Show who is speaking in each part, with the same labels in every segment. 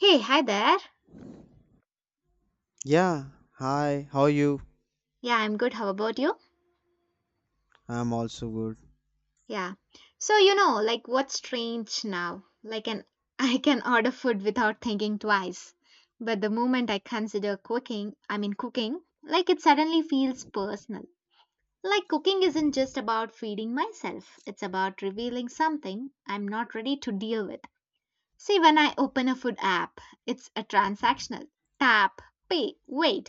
Speaker 1: Hey, hi there.
Speaker 2: Yeah, hi, how are you?
Speaker 1: Yeah, I'm good. How about you?
Speaker 2: I'm also good.
Speaker 1: Yeah. So, you know, like what's strange now? Like an I can order food without thinking twice. But the moment I consider cooking, I mean cooking, like it suddenly feels personal. Like cooking isn't just about feeding myself. It's about revealing something I'm not ready to deal with. See, when I open a food app, it's a transactional. Tap, pay, wait.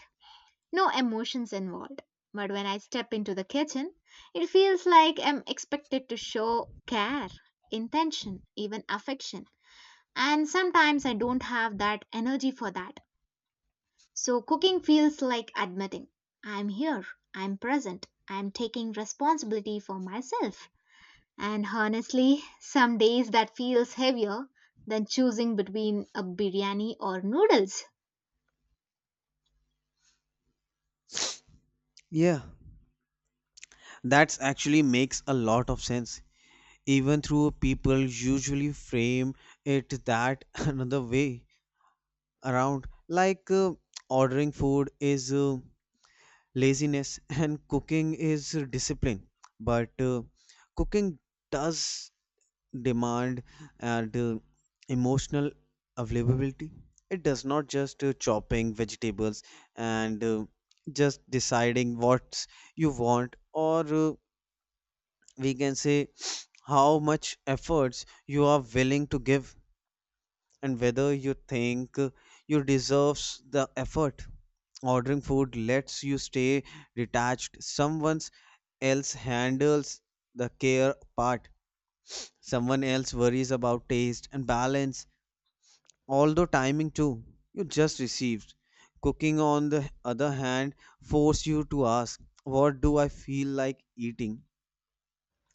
Speaker 1: No emotions involved. But when I step into the kitchen, it feels like I'm expected to show care, intention, even affection. And sometimes I don't have that energy for that. So cooking feels like admitting I'm here, I'm present, I'm taking responsibility for myself. And honestly, some days that feels heavier than choosing between a biryani or noodles.
Speaker 2: Yeah, that actually makes a lot of sense. Even though people usually frame it that another way around, like ordering food is laziness and cooking is discipline. But cooking does demand and emotional availability. It does not just chopping vegetables and just deciding what you want, or we can say how much efforts you are willing to give, and whether you think you deserves the effort. Ordering food lets you stay detached. Someone else handles the care part. Someone else worries about taste and balance, although timing too. You just received. Cooking, on the other hand, force you to ask, what do I feel like eating?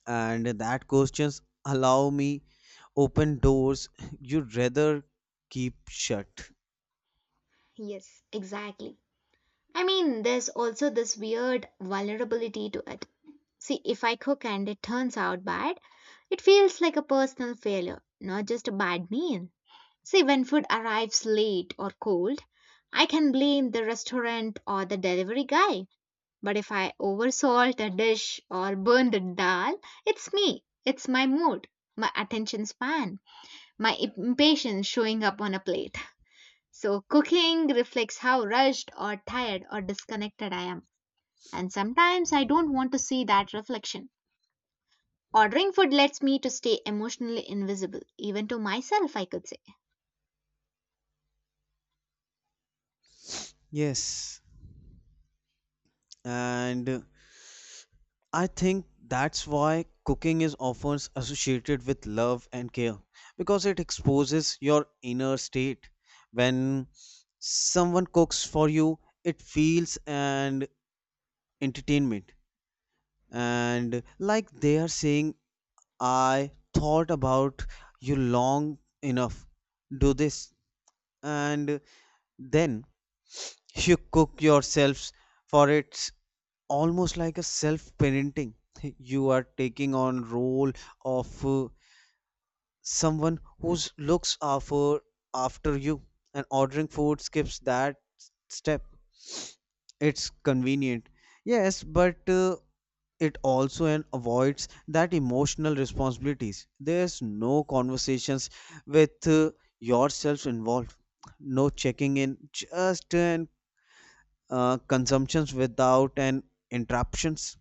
Speaker 2: And that questions allow me open doors you'd rather keep shut.
Speaker 1: Yes, exactly. I mean, there's also this weird vulnerability to it. See, if I cook and it turns out bad, it feels like a personal failure, not just a bad meal. See, when food arrives late or cold, I can blame the restaurant or the delivery guy. But if I oversalt a dish or burn the dal, it's me. It's my mood, my attention span, my impatience showing up on a plate. So, cooking reflects how rushed or tired or disconnected I am and sometimes I don't want to see that reflection. Ordering food lets me to stay emotionally invisible, even to myself, I could say.
Speaker 2: Yes, and I think that's why cooking is often associated with love and care, because it exposes your inner state. When someone cooks for you, it feels and entertainment, and like they are saying, I thought about you long enough, do this. And then you cook yourselves for it's almost like a self parenting. You are taking on role of someone who looks after you. And ordering food skips that step. It's convenient, yes, but it also and avoids that emotional responsibilities. There's no conversations with yourself involved, no checking in, just an consumptions without an interruptions.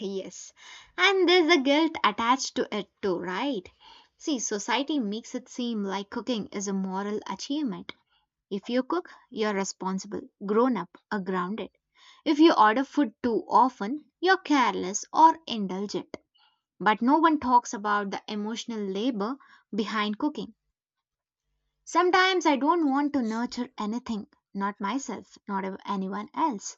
Speaker 1: Yes. And there's a guilt attached to it too, right? See, society makes it seem like cooking is a moral achievement. If you cook, you're responsible, grown up, or grounded. If you order food too often, you're careless or indulgent. But no one talks about the emotional labor behind cooking. Sometimes I don't want to nurture anything, not myself, not ev- anyone else.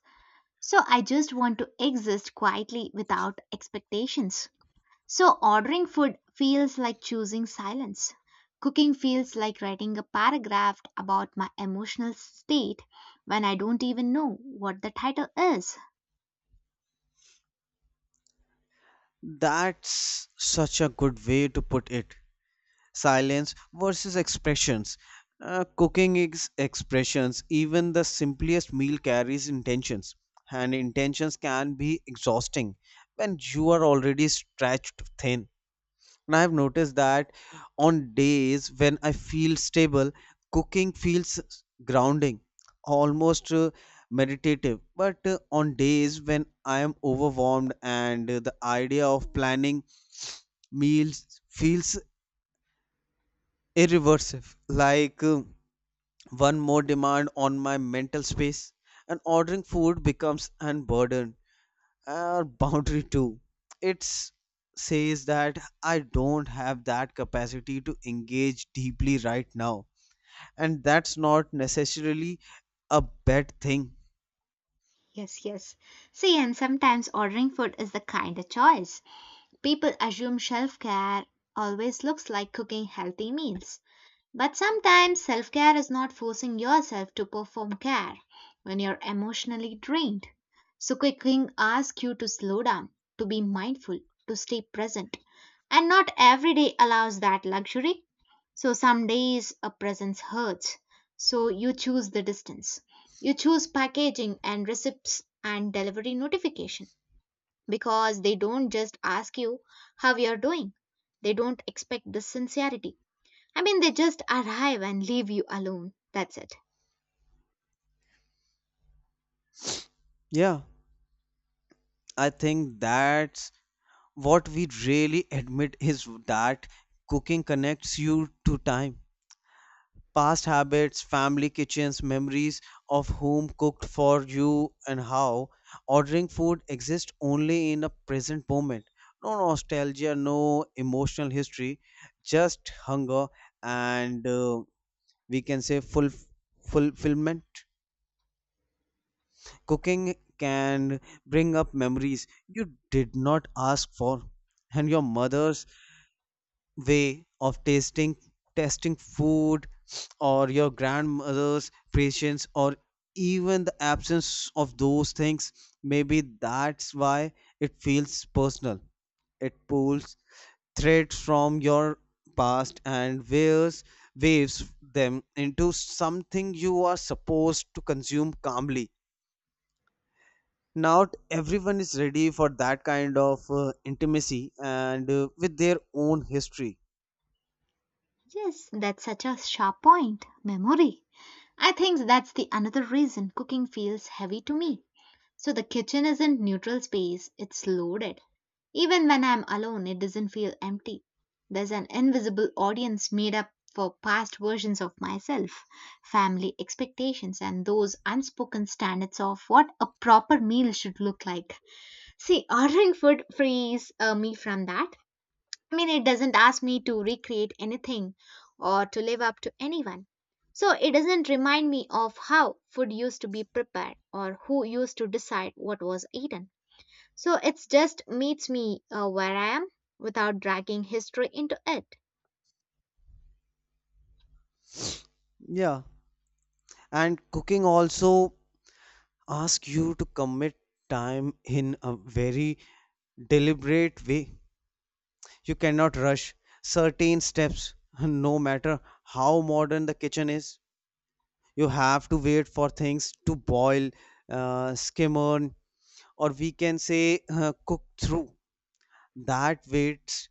Speaker 1: So I just want to exist quietly without expectations. So ordering food feels like choosing silence. Cooking feels like writing a paragraph about my emotional state when I don't even know what the title is.
Speaker 2: That's such a good way to put it, silence versus expressions. Cooking is expressions. Even the simplest meal carries intentions, and intentions can be exhausting when you are already stretched thin. And I've noticed that on days when I feel stable, cooking feels grounding, almost meditative. But on days when I am overwhelmed and the idea of planning meals feels irreversive, like one more demand on my mental space. And ordering food becomes an burden or boundary too. It says that I don't have that capacity to engage deeply right now, and that's not necessarily a bad thing.
Speaker 1: Yes, yes. See, and sometimes ordering food is the kind of choice. People assume self care always looks like cooking healthy meals. But sometimes self care is not forcing yourself to perform care when you're emotionally drained. So, cooking asks you to slow down, to be mindful, to stay present. And not every day allows that luxury. So, some days a presence hurts. So, you choose the distance. You choose packaging and receipts and delivery notification because they don't just ask you how you're doing, they don't expect this sincerity. I mean, they just arrive and leave you alone. That's it.
Speaker 2: Yeah, I think that's what we really admit is that cooking connects you to time. Past habits, family kitchens, memories of whom cooked for you and how. Ordering food exists only in a present moment. No nostalgia, no emotional history, just hunger and we can say full fulfillment. Cooking can bring up memories you did not ask for, and your mother's way of tasting food, or your grandmother's patience, or even the absence of those things. Maybe that's why it feels personal. It pulls threads from your past and wears waves them into something you are supposed to consume calmly. Not everyone is ready for that kind of intimacy and with their own history.
Speaker 1: Yes, that's such a sharp point. Memory. I think that's the another reason cooking feels heavy to me. So the kitchen isn't neutral space, it's loaded. Even when I'm alone, it doesn't feel empty. There's an invisible audience made up for past versions of myself, family expectations, and those unspoken standards of what a proper meal should look like. See, ordering food frees me from that. I mean, it doesn't ask me to recreate anything or to live up to anyone. So it doesn't remind me of how food used to be prepared or who used to decide what was eaten. So it just meets me where I am without dragging history into it.
Speaker 2: Yeah, and cooking also asks you to commit time in a very deliberate way. You cannot rush certain steps, no matter how modern the kitchen is. You have to wait for things to boil, skimmer, or we can say cook through that waits.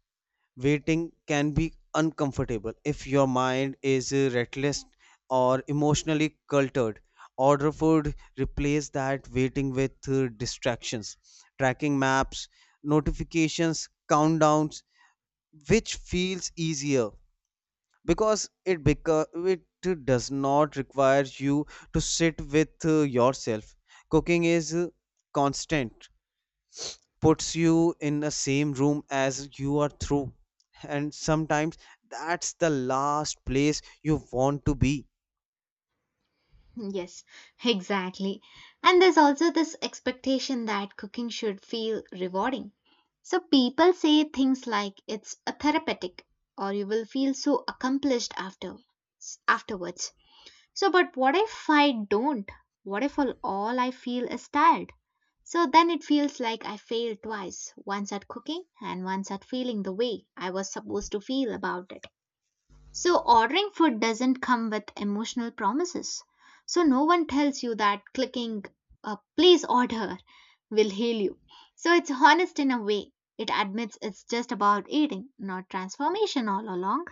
Speaker 2: Waiting can be uncomfortable if your mind is restless or emotionally cultured. Order food, replace that waiting with distractions, tracking maps, notifications, countdowns, which feels easier because it does not require you to sit with yourself. Cooking is constant, puts you in the same room as you are through, and sometimes that's the last place you want to be.
Speaker 1: Yes, exactly. And there's also this expectation that cooking should feel rewarding. So people say things like it's a therapeutic or you will feel so accomplished after afterwards. So, but what if I don't? What if all I feel is tired? So then it feels like I failed twice once at cooking and once at feeling the way I was supposed to feel about it. So, ordering food doesn't come with emotional promises. So, no one tells you that clicking please order will heal you. So, it's honest in a way. It admits it's just about eating, not transformation all along.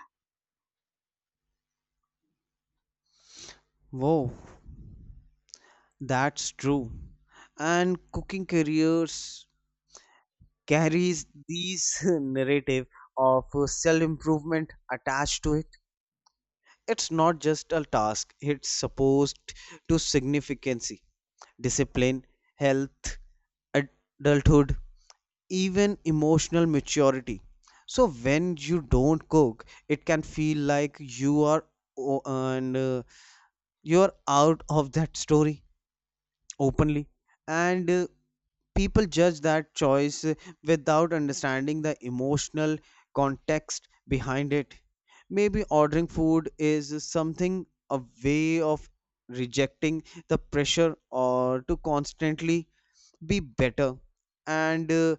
Speaker 2: Whoa, that's true. And cooking careers carries these narrative of self improvement attached to it. It's not just a task, it's supposed to significancy, discipline, health, adulthood, even emotional maturity. So when you don't cook it can feel like you are o- and you are out of that story openly, and people judge that choice without understanding the emotional context behind it. Maybe ordering food is something a way of rejecting the pressure or to constantly be better, and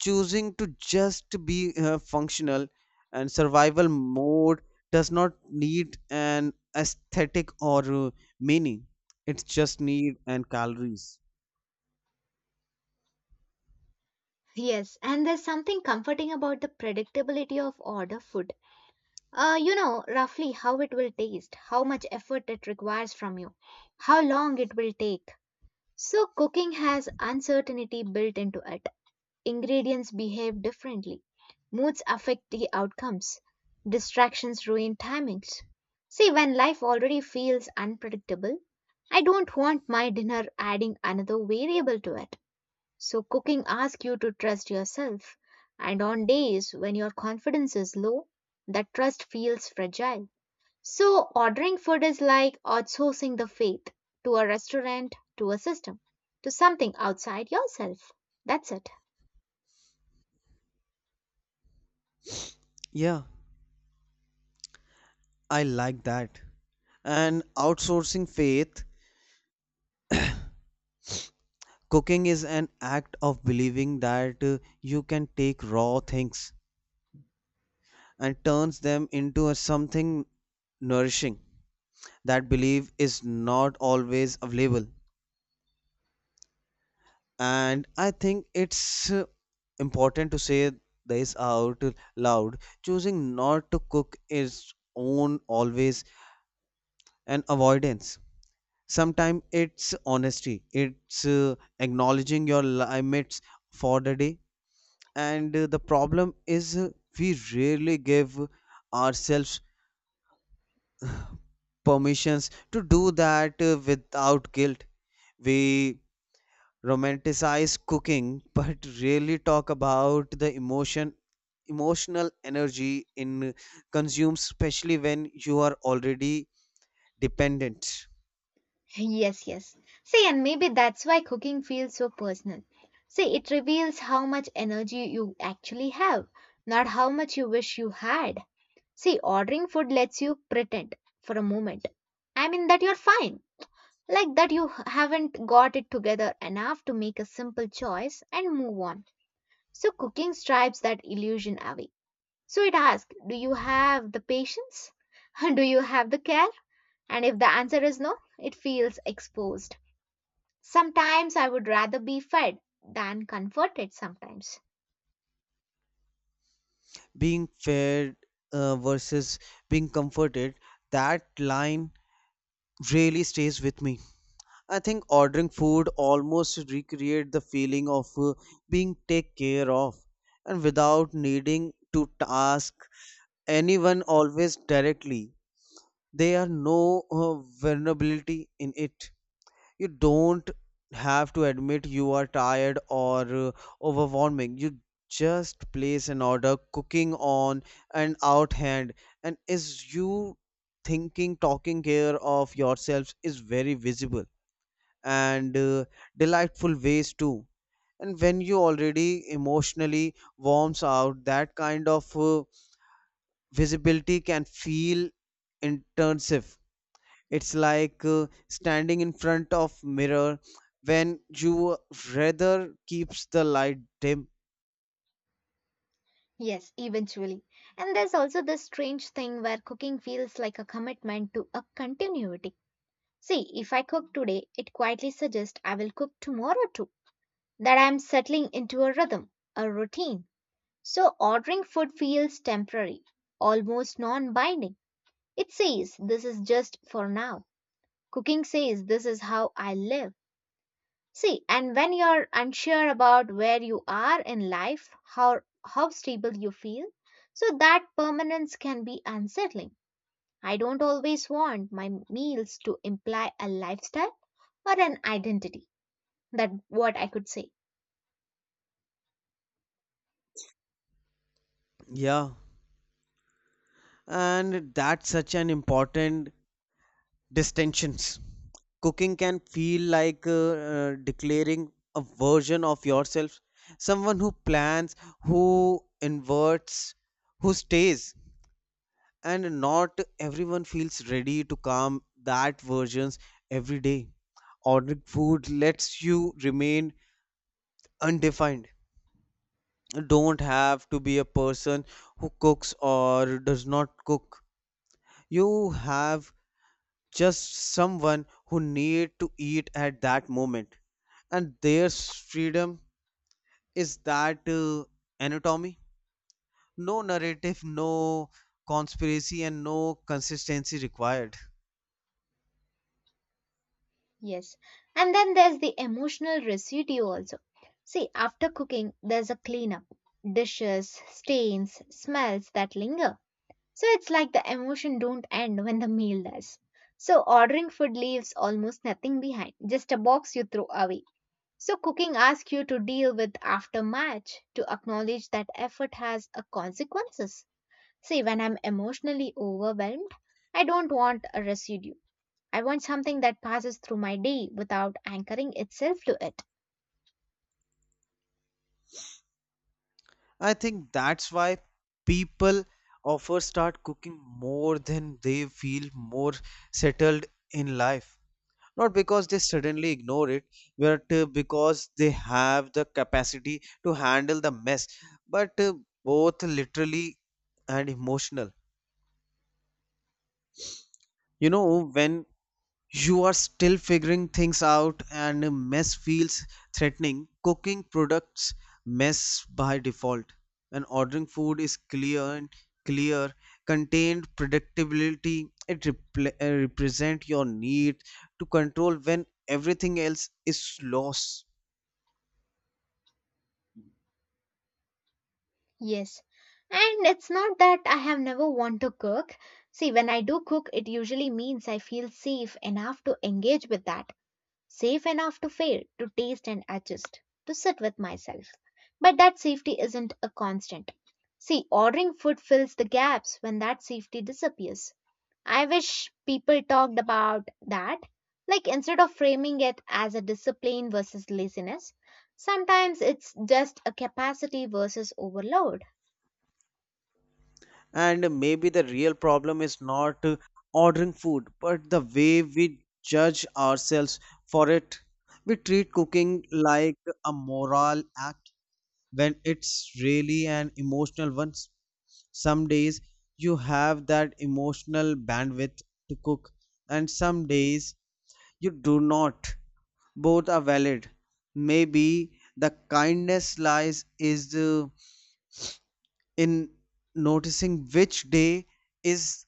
Speaker 2: choosing to just be functional and survival mode. Does not need an aesthetic or meaning. It's just need and calories.
Speaker 1: Yes, and there's something comforting about the predictability of order food. You know roughly how it will taste, how much effort it requires from you, how long it will take. So, cooking has uncertainty built into it. Ingredients behave differently, moods affect the outcomes, distractions ruin timings. See, when life already feels unpredictable, I don't want my dinner adding another variable to it. So, cooking asks you to trust yourself, and on days when your confidence is low, that trust feels fragile. So, ordering food is like outsourcing the faith to a restaurant, to a system, to something outside yourself. That's it.
Speaker 2: Yeah, I like that. And outsourcing faith, cooking is an act of believing that you can take raw things and turns them into a something nourishing. That belief is not always available, and I think it's important to say this out loud. Choosing not to cook is own always an avoidance. Sometimes it's honesty, it's acknowledging your limits for the day. And the problem is we rarely give ourselves permissions to do that without guilt. We romanticize cooking, but really talk about the emotional energy in consumes, especially when you are already dependent.
Speaker 1: Yes, yes. See, and maybe that's why cooking feels so personal. See, it reveals how much energy you actually have, not how much you wish you had. See, ordering food lets you pretend for a moment. I mean, that you're fine, like that haven't got it together enough to make a simple choice and move on. So, cooking stripes that illusion away. So, it asks, do you have the patience? Do you have the care? And if the answer is no, it feels exposed. Sometimes I would rather be fed than comforted sometimes.
Speaker 2: Being fed versus being comforted, that line really stays with me. I think ordering food almost recreate the feeling of being take care of, and without needing to ask anyone always directly. There are no vulnerability in it. You don't have to admit you are tired or overwhelming. You just place an order. Cooking on an outhand, and is you thinking talking care of yourselves is very visible and delightful ways too. And when you already emotionally warms out, that kind of visibility can feel intensive. It's like standing in front of mirror when you rather keeps the light dim.
Speaker 1: Yes, eventually. And there's also this strange thing where cooking feels like a commitment to a continuity. See, if I cook today, it quietly suggests I will cook tomorrow too, that I'm settling into a rhythm, a routine. So ordering food feels temporary, almost non binding. It says this is just for now. Cooking says this is how I live. See, and when you're unsure about where you are in life, how stable you feel, so that permanence can be unsettling. I don't always want my meals to imply a lifestyle or an identity. That what I could say.
Speaker 2: Yeah, and that's such an important distinctions. Cooking can feel like declaring a version of yourself, someone who plans, who inverts, who stays. And not everyone feels ready to come that versions every day. Ordering food lets you remain undefined. Don't have to be a person who cooks or does not cook. You have just someone who need to eat at that moment. And their freedom is that anatomy. No narrative, no conspiracy, and no consistency required.
Speaker 1: Yes. And then there's the emotional residue also. See, after cooking, there's a cleanup. Dishes, stains, smells that linger. So it's like the emotion don't end when the meal does. So ordering food leaves almost nothing behind, just a box you throw away. So cooking asks you to deal with aftermath, to acknowledge that effort has a consequences. See, when I'm emotionally overwhelmed, I don't want a residue. I want something that passes through my day without anchoring itself to it.
Speaker 2: I think that's why people often start cooking more than they feel more settled in life. Not because they suddenly ignore it, but because they have the capacity to handle the mess, but both literally and emotional. You know, when you are still figuring things out and a mess feels threatening, cooking products mess by default. And ordering food is clear, contained predictability. It represent your need to control when everything else is lost.
Speaker 1: Yes. And it's not that I have never want to cook. See, when I do cook, it usually means I feel safe enough to engage with that, safe enough to fail, to taste and adjust, to sit with myself. But that safety isn't a constant. See, ordering food fills the gaps when that safety disappears. I wish people talked about that. Like, instead of framing it as a discipline versus laziness, sometimes it's just a capacity versus overload.
Speaker 2: And maybe the real problem is not ordering food, but the way we judge ourselves for it. We treat cooking like a moral act when it's really an emotional one. Some days you have that emotional bandwidth to cook, and some days you do not. Both are valid. Maybe the kindness lies is in noticing which day is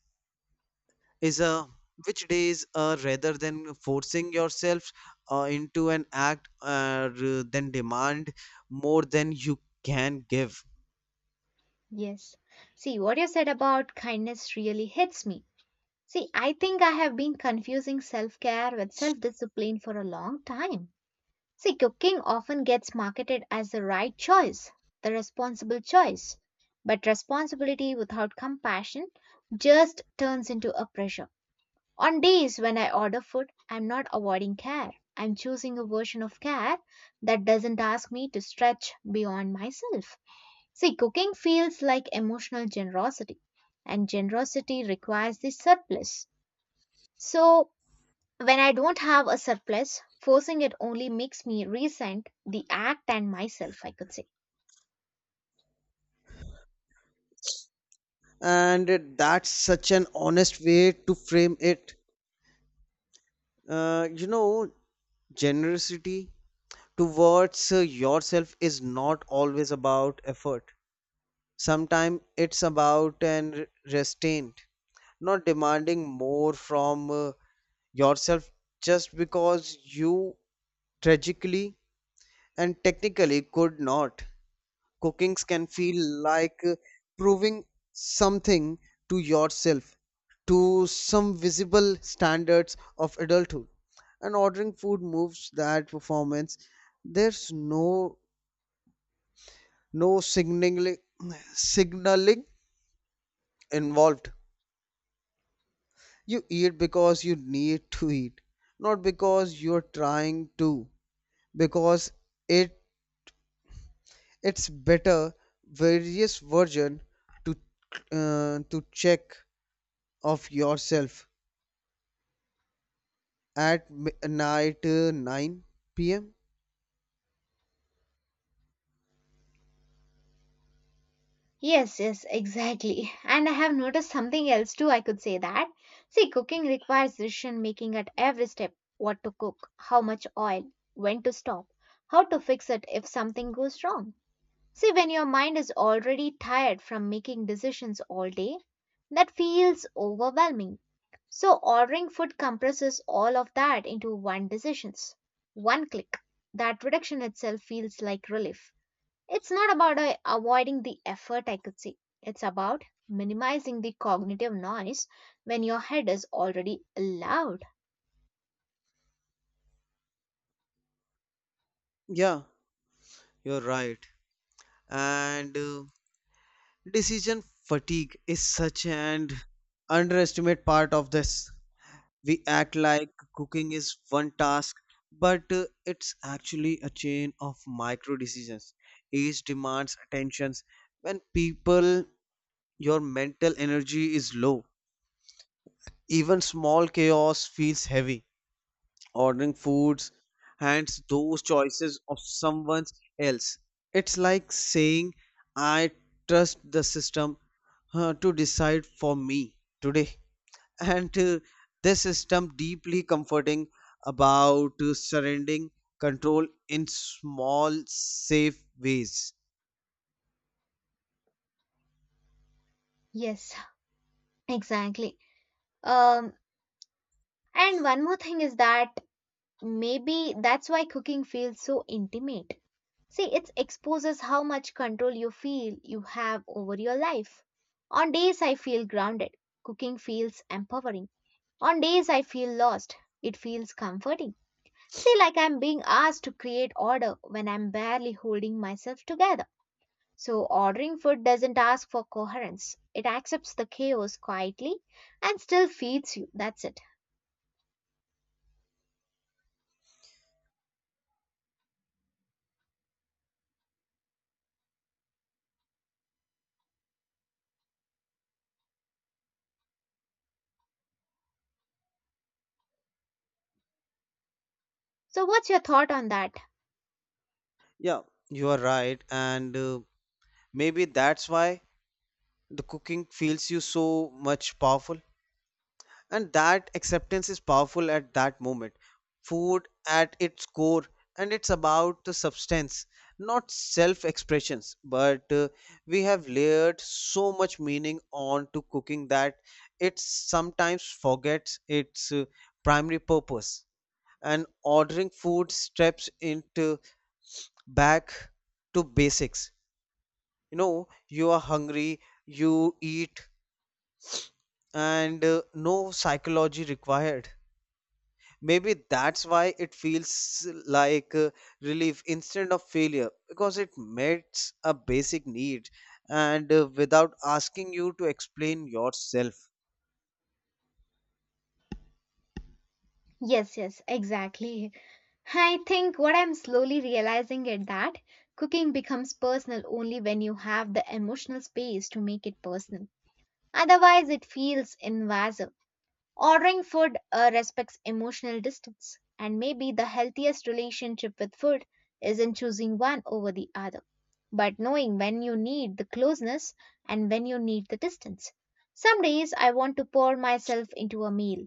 Speaker 2: is which days rather than forcing yourself into an act, then demand more than you can give.
Speaker 1: Yes. See, what you said about kindness really hits me. See, I think I have been confusing self care with self discipline for a long time. See, cooking often gets marketed as the right choice, the responsible choice. But responsibility without compassion just turns into a pressure. On days when I order food, I'm not avoiding care. I'm choosing a version of care that doesn't ask me to stretch beyond myself. See, cooking feels like emotional generosity, and generosity requires the surplus. So, when I don't have a surplus, forcing it only makes me resent the act and myself, I could say.
Speaker 2: And that's such an honest way to frame it uh, you know generosity towards yourself is not always about effort. Sometimes it's about an restraint, not demanding more from yourself just because you tragically and technically could not. Cookings can feel like proving something to yourself, to some visible standards of adulthood. And ordering food moves that performance. There's no signaling involved. You eat because you need to eat, not because you're trying to, because it it's better various version to to check of yourself at midnight, 9 p.m.
Speaker 1: Yes, yes, exactly. And I have noticed something else too, I could say that. See, cooking requires decision making at every step what to cook, how much oil, when to stop, how to fix it if something goes wrong. See, when your mind is already tired from making decisions all day, that feels overwhelming. So, ordering food compresses all of that into one decisions. One click. That reduction itself feels like relief. It's not about avoiding the effort, I could say. It's about minimizing the cognitive noise when your head is already loud.
Speaker 2: Yeah, you're right. And decision fatigue is such an underestimate part of this. We act like cooking is one task, but it's actually a chain of micro decisions. Each demands attentions. When people, your mental energy is low, even small chaos feels heavy. Ordering foods hands those choices of someone else. It's like saying, I trust the system to decide for me today. And this system deeply comforting about surrendering control in small, safe ways.
Speaker 1: Yes, exactly. Um, and one more thing is that maybe that's why cooking feels so intimate. See, it exposes how much control you feel you have over your life. On days I feel grounded, cooking feels empowering. On days I feel lost, it feels comforting. See, like I'm being asked to create order when I'm barely holding myself together. So, ordering food doesn't ask for coherence, it accepts the chaos quietly and still feeds you. That's it. So, what's your thought on that?
Speaker 2: Yeah, you are right. And maybe that's why the cooking feels you so much powerful. And that acceptance is powerful at that moment. Food at its core, and it's about the substance, not self expressions, but we have layered so much meaning on to cooking that it sometimes forgets its primary purpose. And ordering food steps into back to basics. You know, you are hungry, you eat, and no psychology required. Maybe that's why it feels like relief instead of failure, because it meets a basic need, and without asking you to explain yourself.
Speaker 1: Yes, yes, exactly. I think what I'm slowly realizing is that cooking becomes personal only when you have the emotional space to make it personal. Otherwise, it feels invasive. Ordering food respects emotional distance, and maybe the healthiest relationship with food isn't choosing one over the other, but knowing when you need the closeness and when you need the distance. Some days I want to pour myself into a meal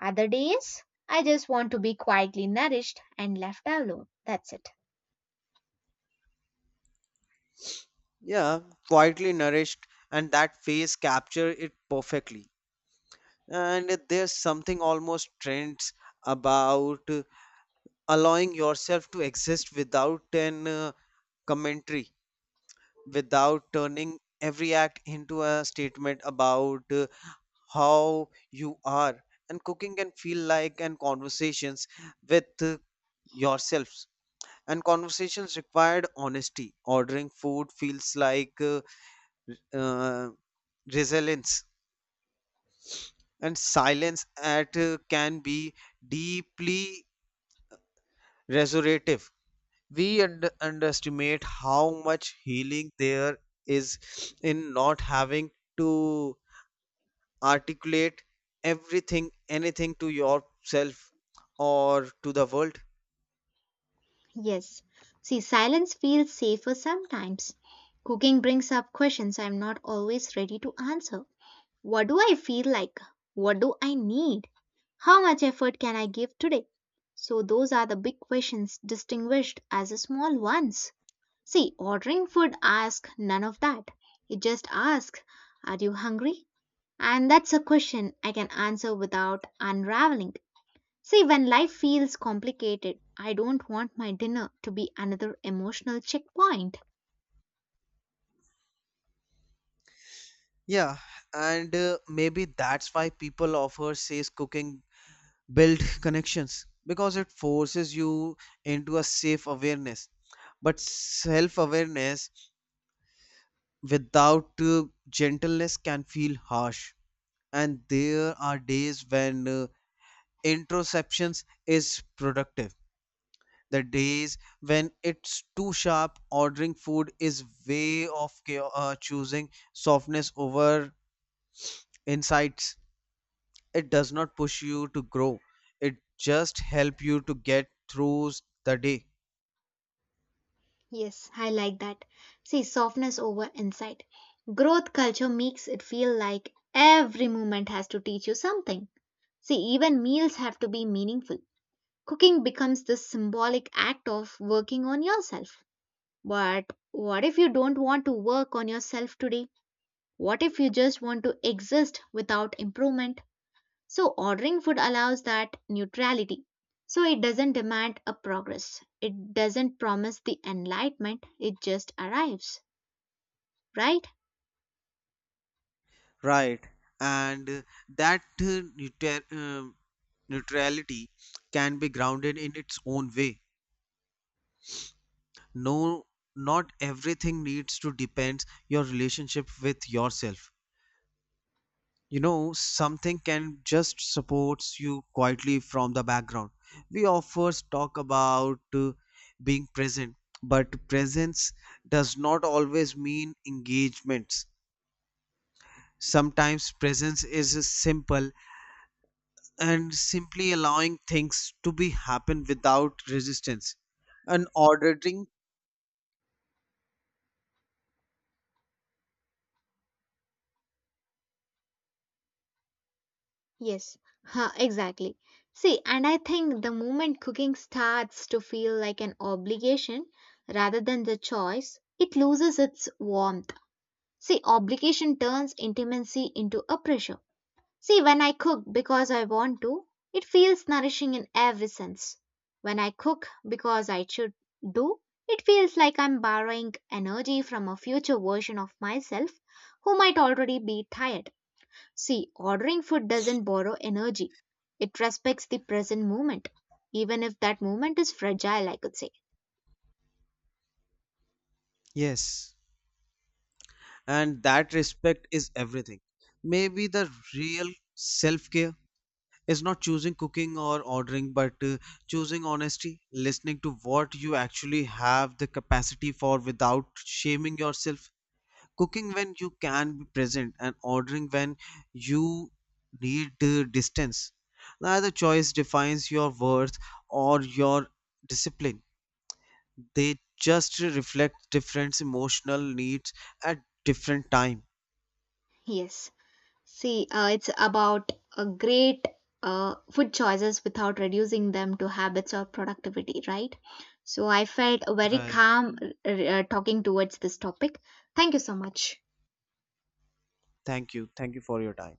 Speaker 1: other days, I just want to be quietly nourished and left alone. That's it.
Speaker 2: Yeah, quietly nourished, and that face capture it perfectly. And there's something almost trends about allowing yourself to exist without an commentary, without turning every act into a statement about how you are. And cooking can feel like and conversations with yourselves, and conversations required honesty. Ordering food feels like r- uh, resilience, and silence at can be deeply restorative. We underestimate how much healing there is in not having to articulate everything anything to yourself or to the world.
Speaker 1: Yes. See, silence feels safer sometimes. Cooking brings up questions I'm not always ready to answer. What do I feel like? What do I need? How much effort can I give today? So, those are the big questions distinguished as the small ones. See, ordering food asks none of that. It just asks, are you hungry? And that's a question I can answer without unraveling. See, when life feels complicated, I don't want my dinner to be another emotional checkpoint.
Speaker 2: Yeah, and maybe that's why people offer says cooking build connections, because it forces you into a safe awareness. But self awareness without gentleness can feel harsh. And there are days when introceptions is productive. The days when it's too sharp, ordering food is way of choosing softness over insights. It does not push you to grow. It just help you to get through the day.
Speaker 1: Yes, I like that. See, softness over insight. Growth culture makes it feel like every moment has to teach you something. See, even meals have to be meaningful. Cooking becomes this symbolic act of working on yourself. But what if you don't want to work on yourself today? What if you just want to exist without improvement? So ordering food allows that neutrality. So it doesn't demand a progress. It doesn't promise the enlightenment. It just arrives, right?
Speaker 2: Right. And that neutrality can be grounded in its own way. No, not everything needs to depend your relationship with yourself. You know, something can just supports you quietly from the background. We offers talk about being present, but presence does not always mean engagements. Sometimes presence is simple and simply allowing things to be happen without resistance, and ordering.
Speaker 1: Yes, huh, exactly. See, and I think the moment cooking starts to feel like an obligation rather than the choice, it loses its warmth. See, obligation turns intimacy into a pressure. See, when I cook because I want to, it feels nourishing in every sense. When I cook because I should do, it feels like I'm borrowing energy from a future version of myself who might already be tired. See, ordering food doesn't borrow energy, it respects the present moment, even if that moment is fragile, I could say.
Speaker 2: Yes, and that respect is everything. Maybe the real self care is not choosing cooking or ordering, but choosing honesty, listening to what you actually have the capacity for without shaming yourself. Cooking when you can be present, and ordering when you need distance. Neither choice defines your worth or your discipline. They just reflect different emotional needs at different time.
Speaker 1: Yes. See, it's about a great food choices without reducing them to habits or productivity, right? So I felt very
Speaker 2: Right.
Speaker 1: calm talking towards this topic. Thank you so much.
Speaker 2: Thank you. Thank you for your time.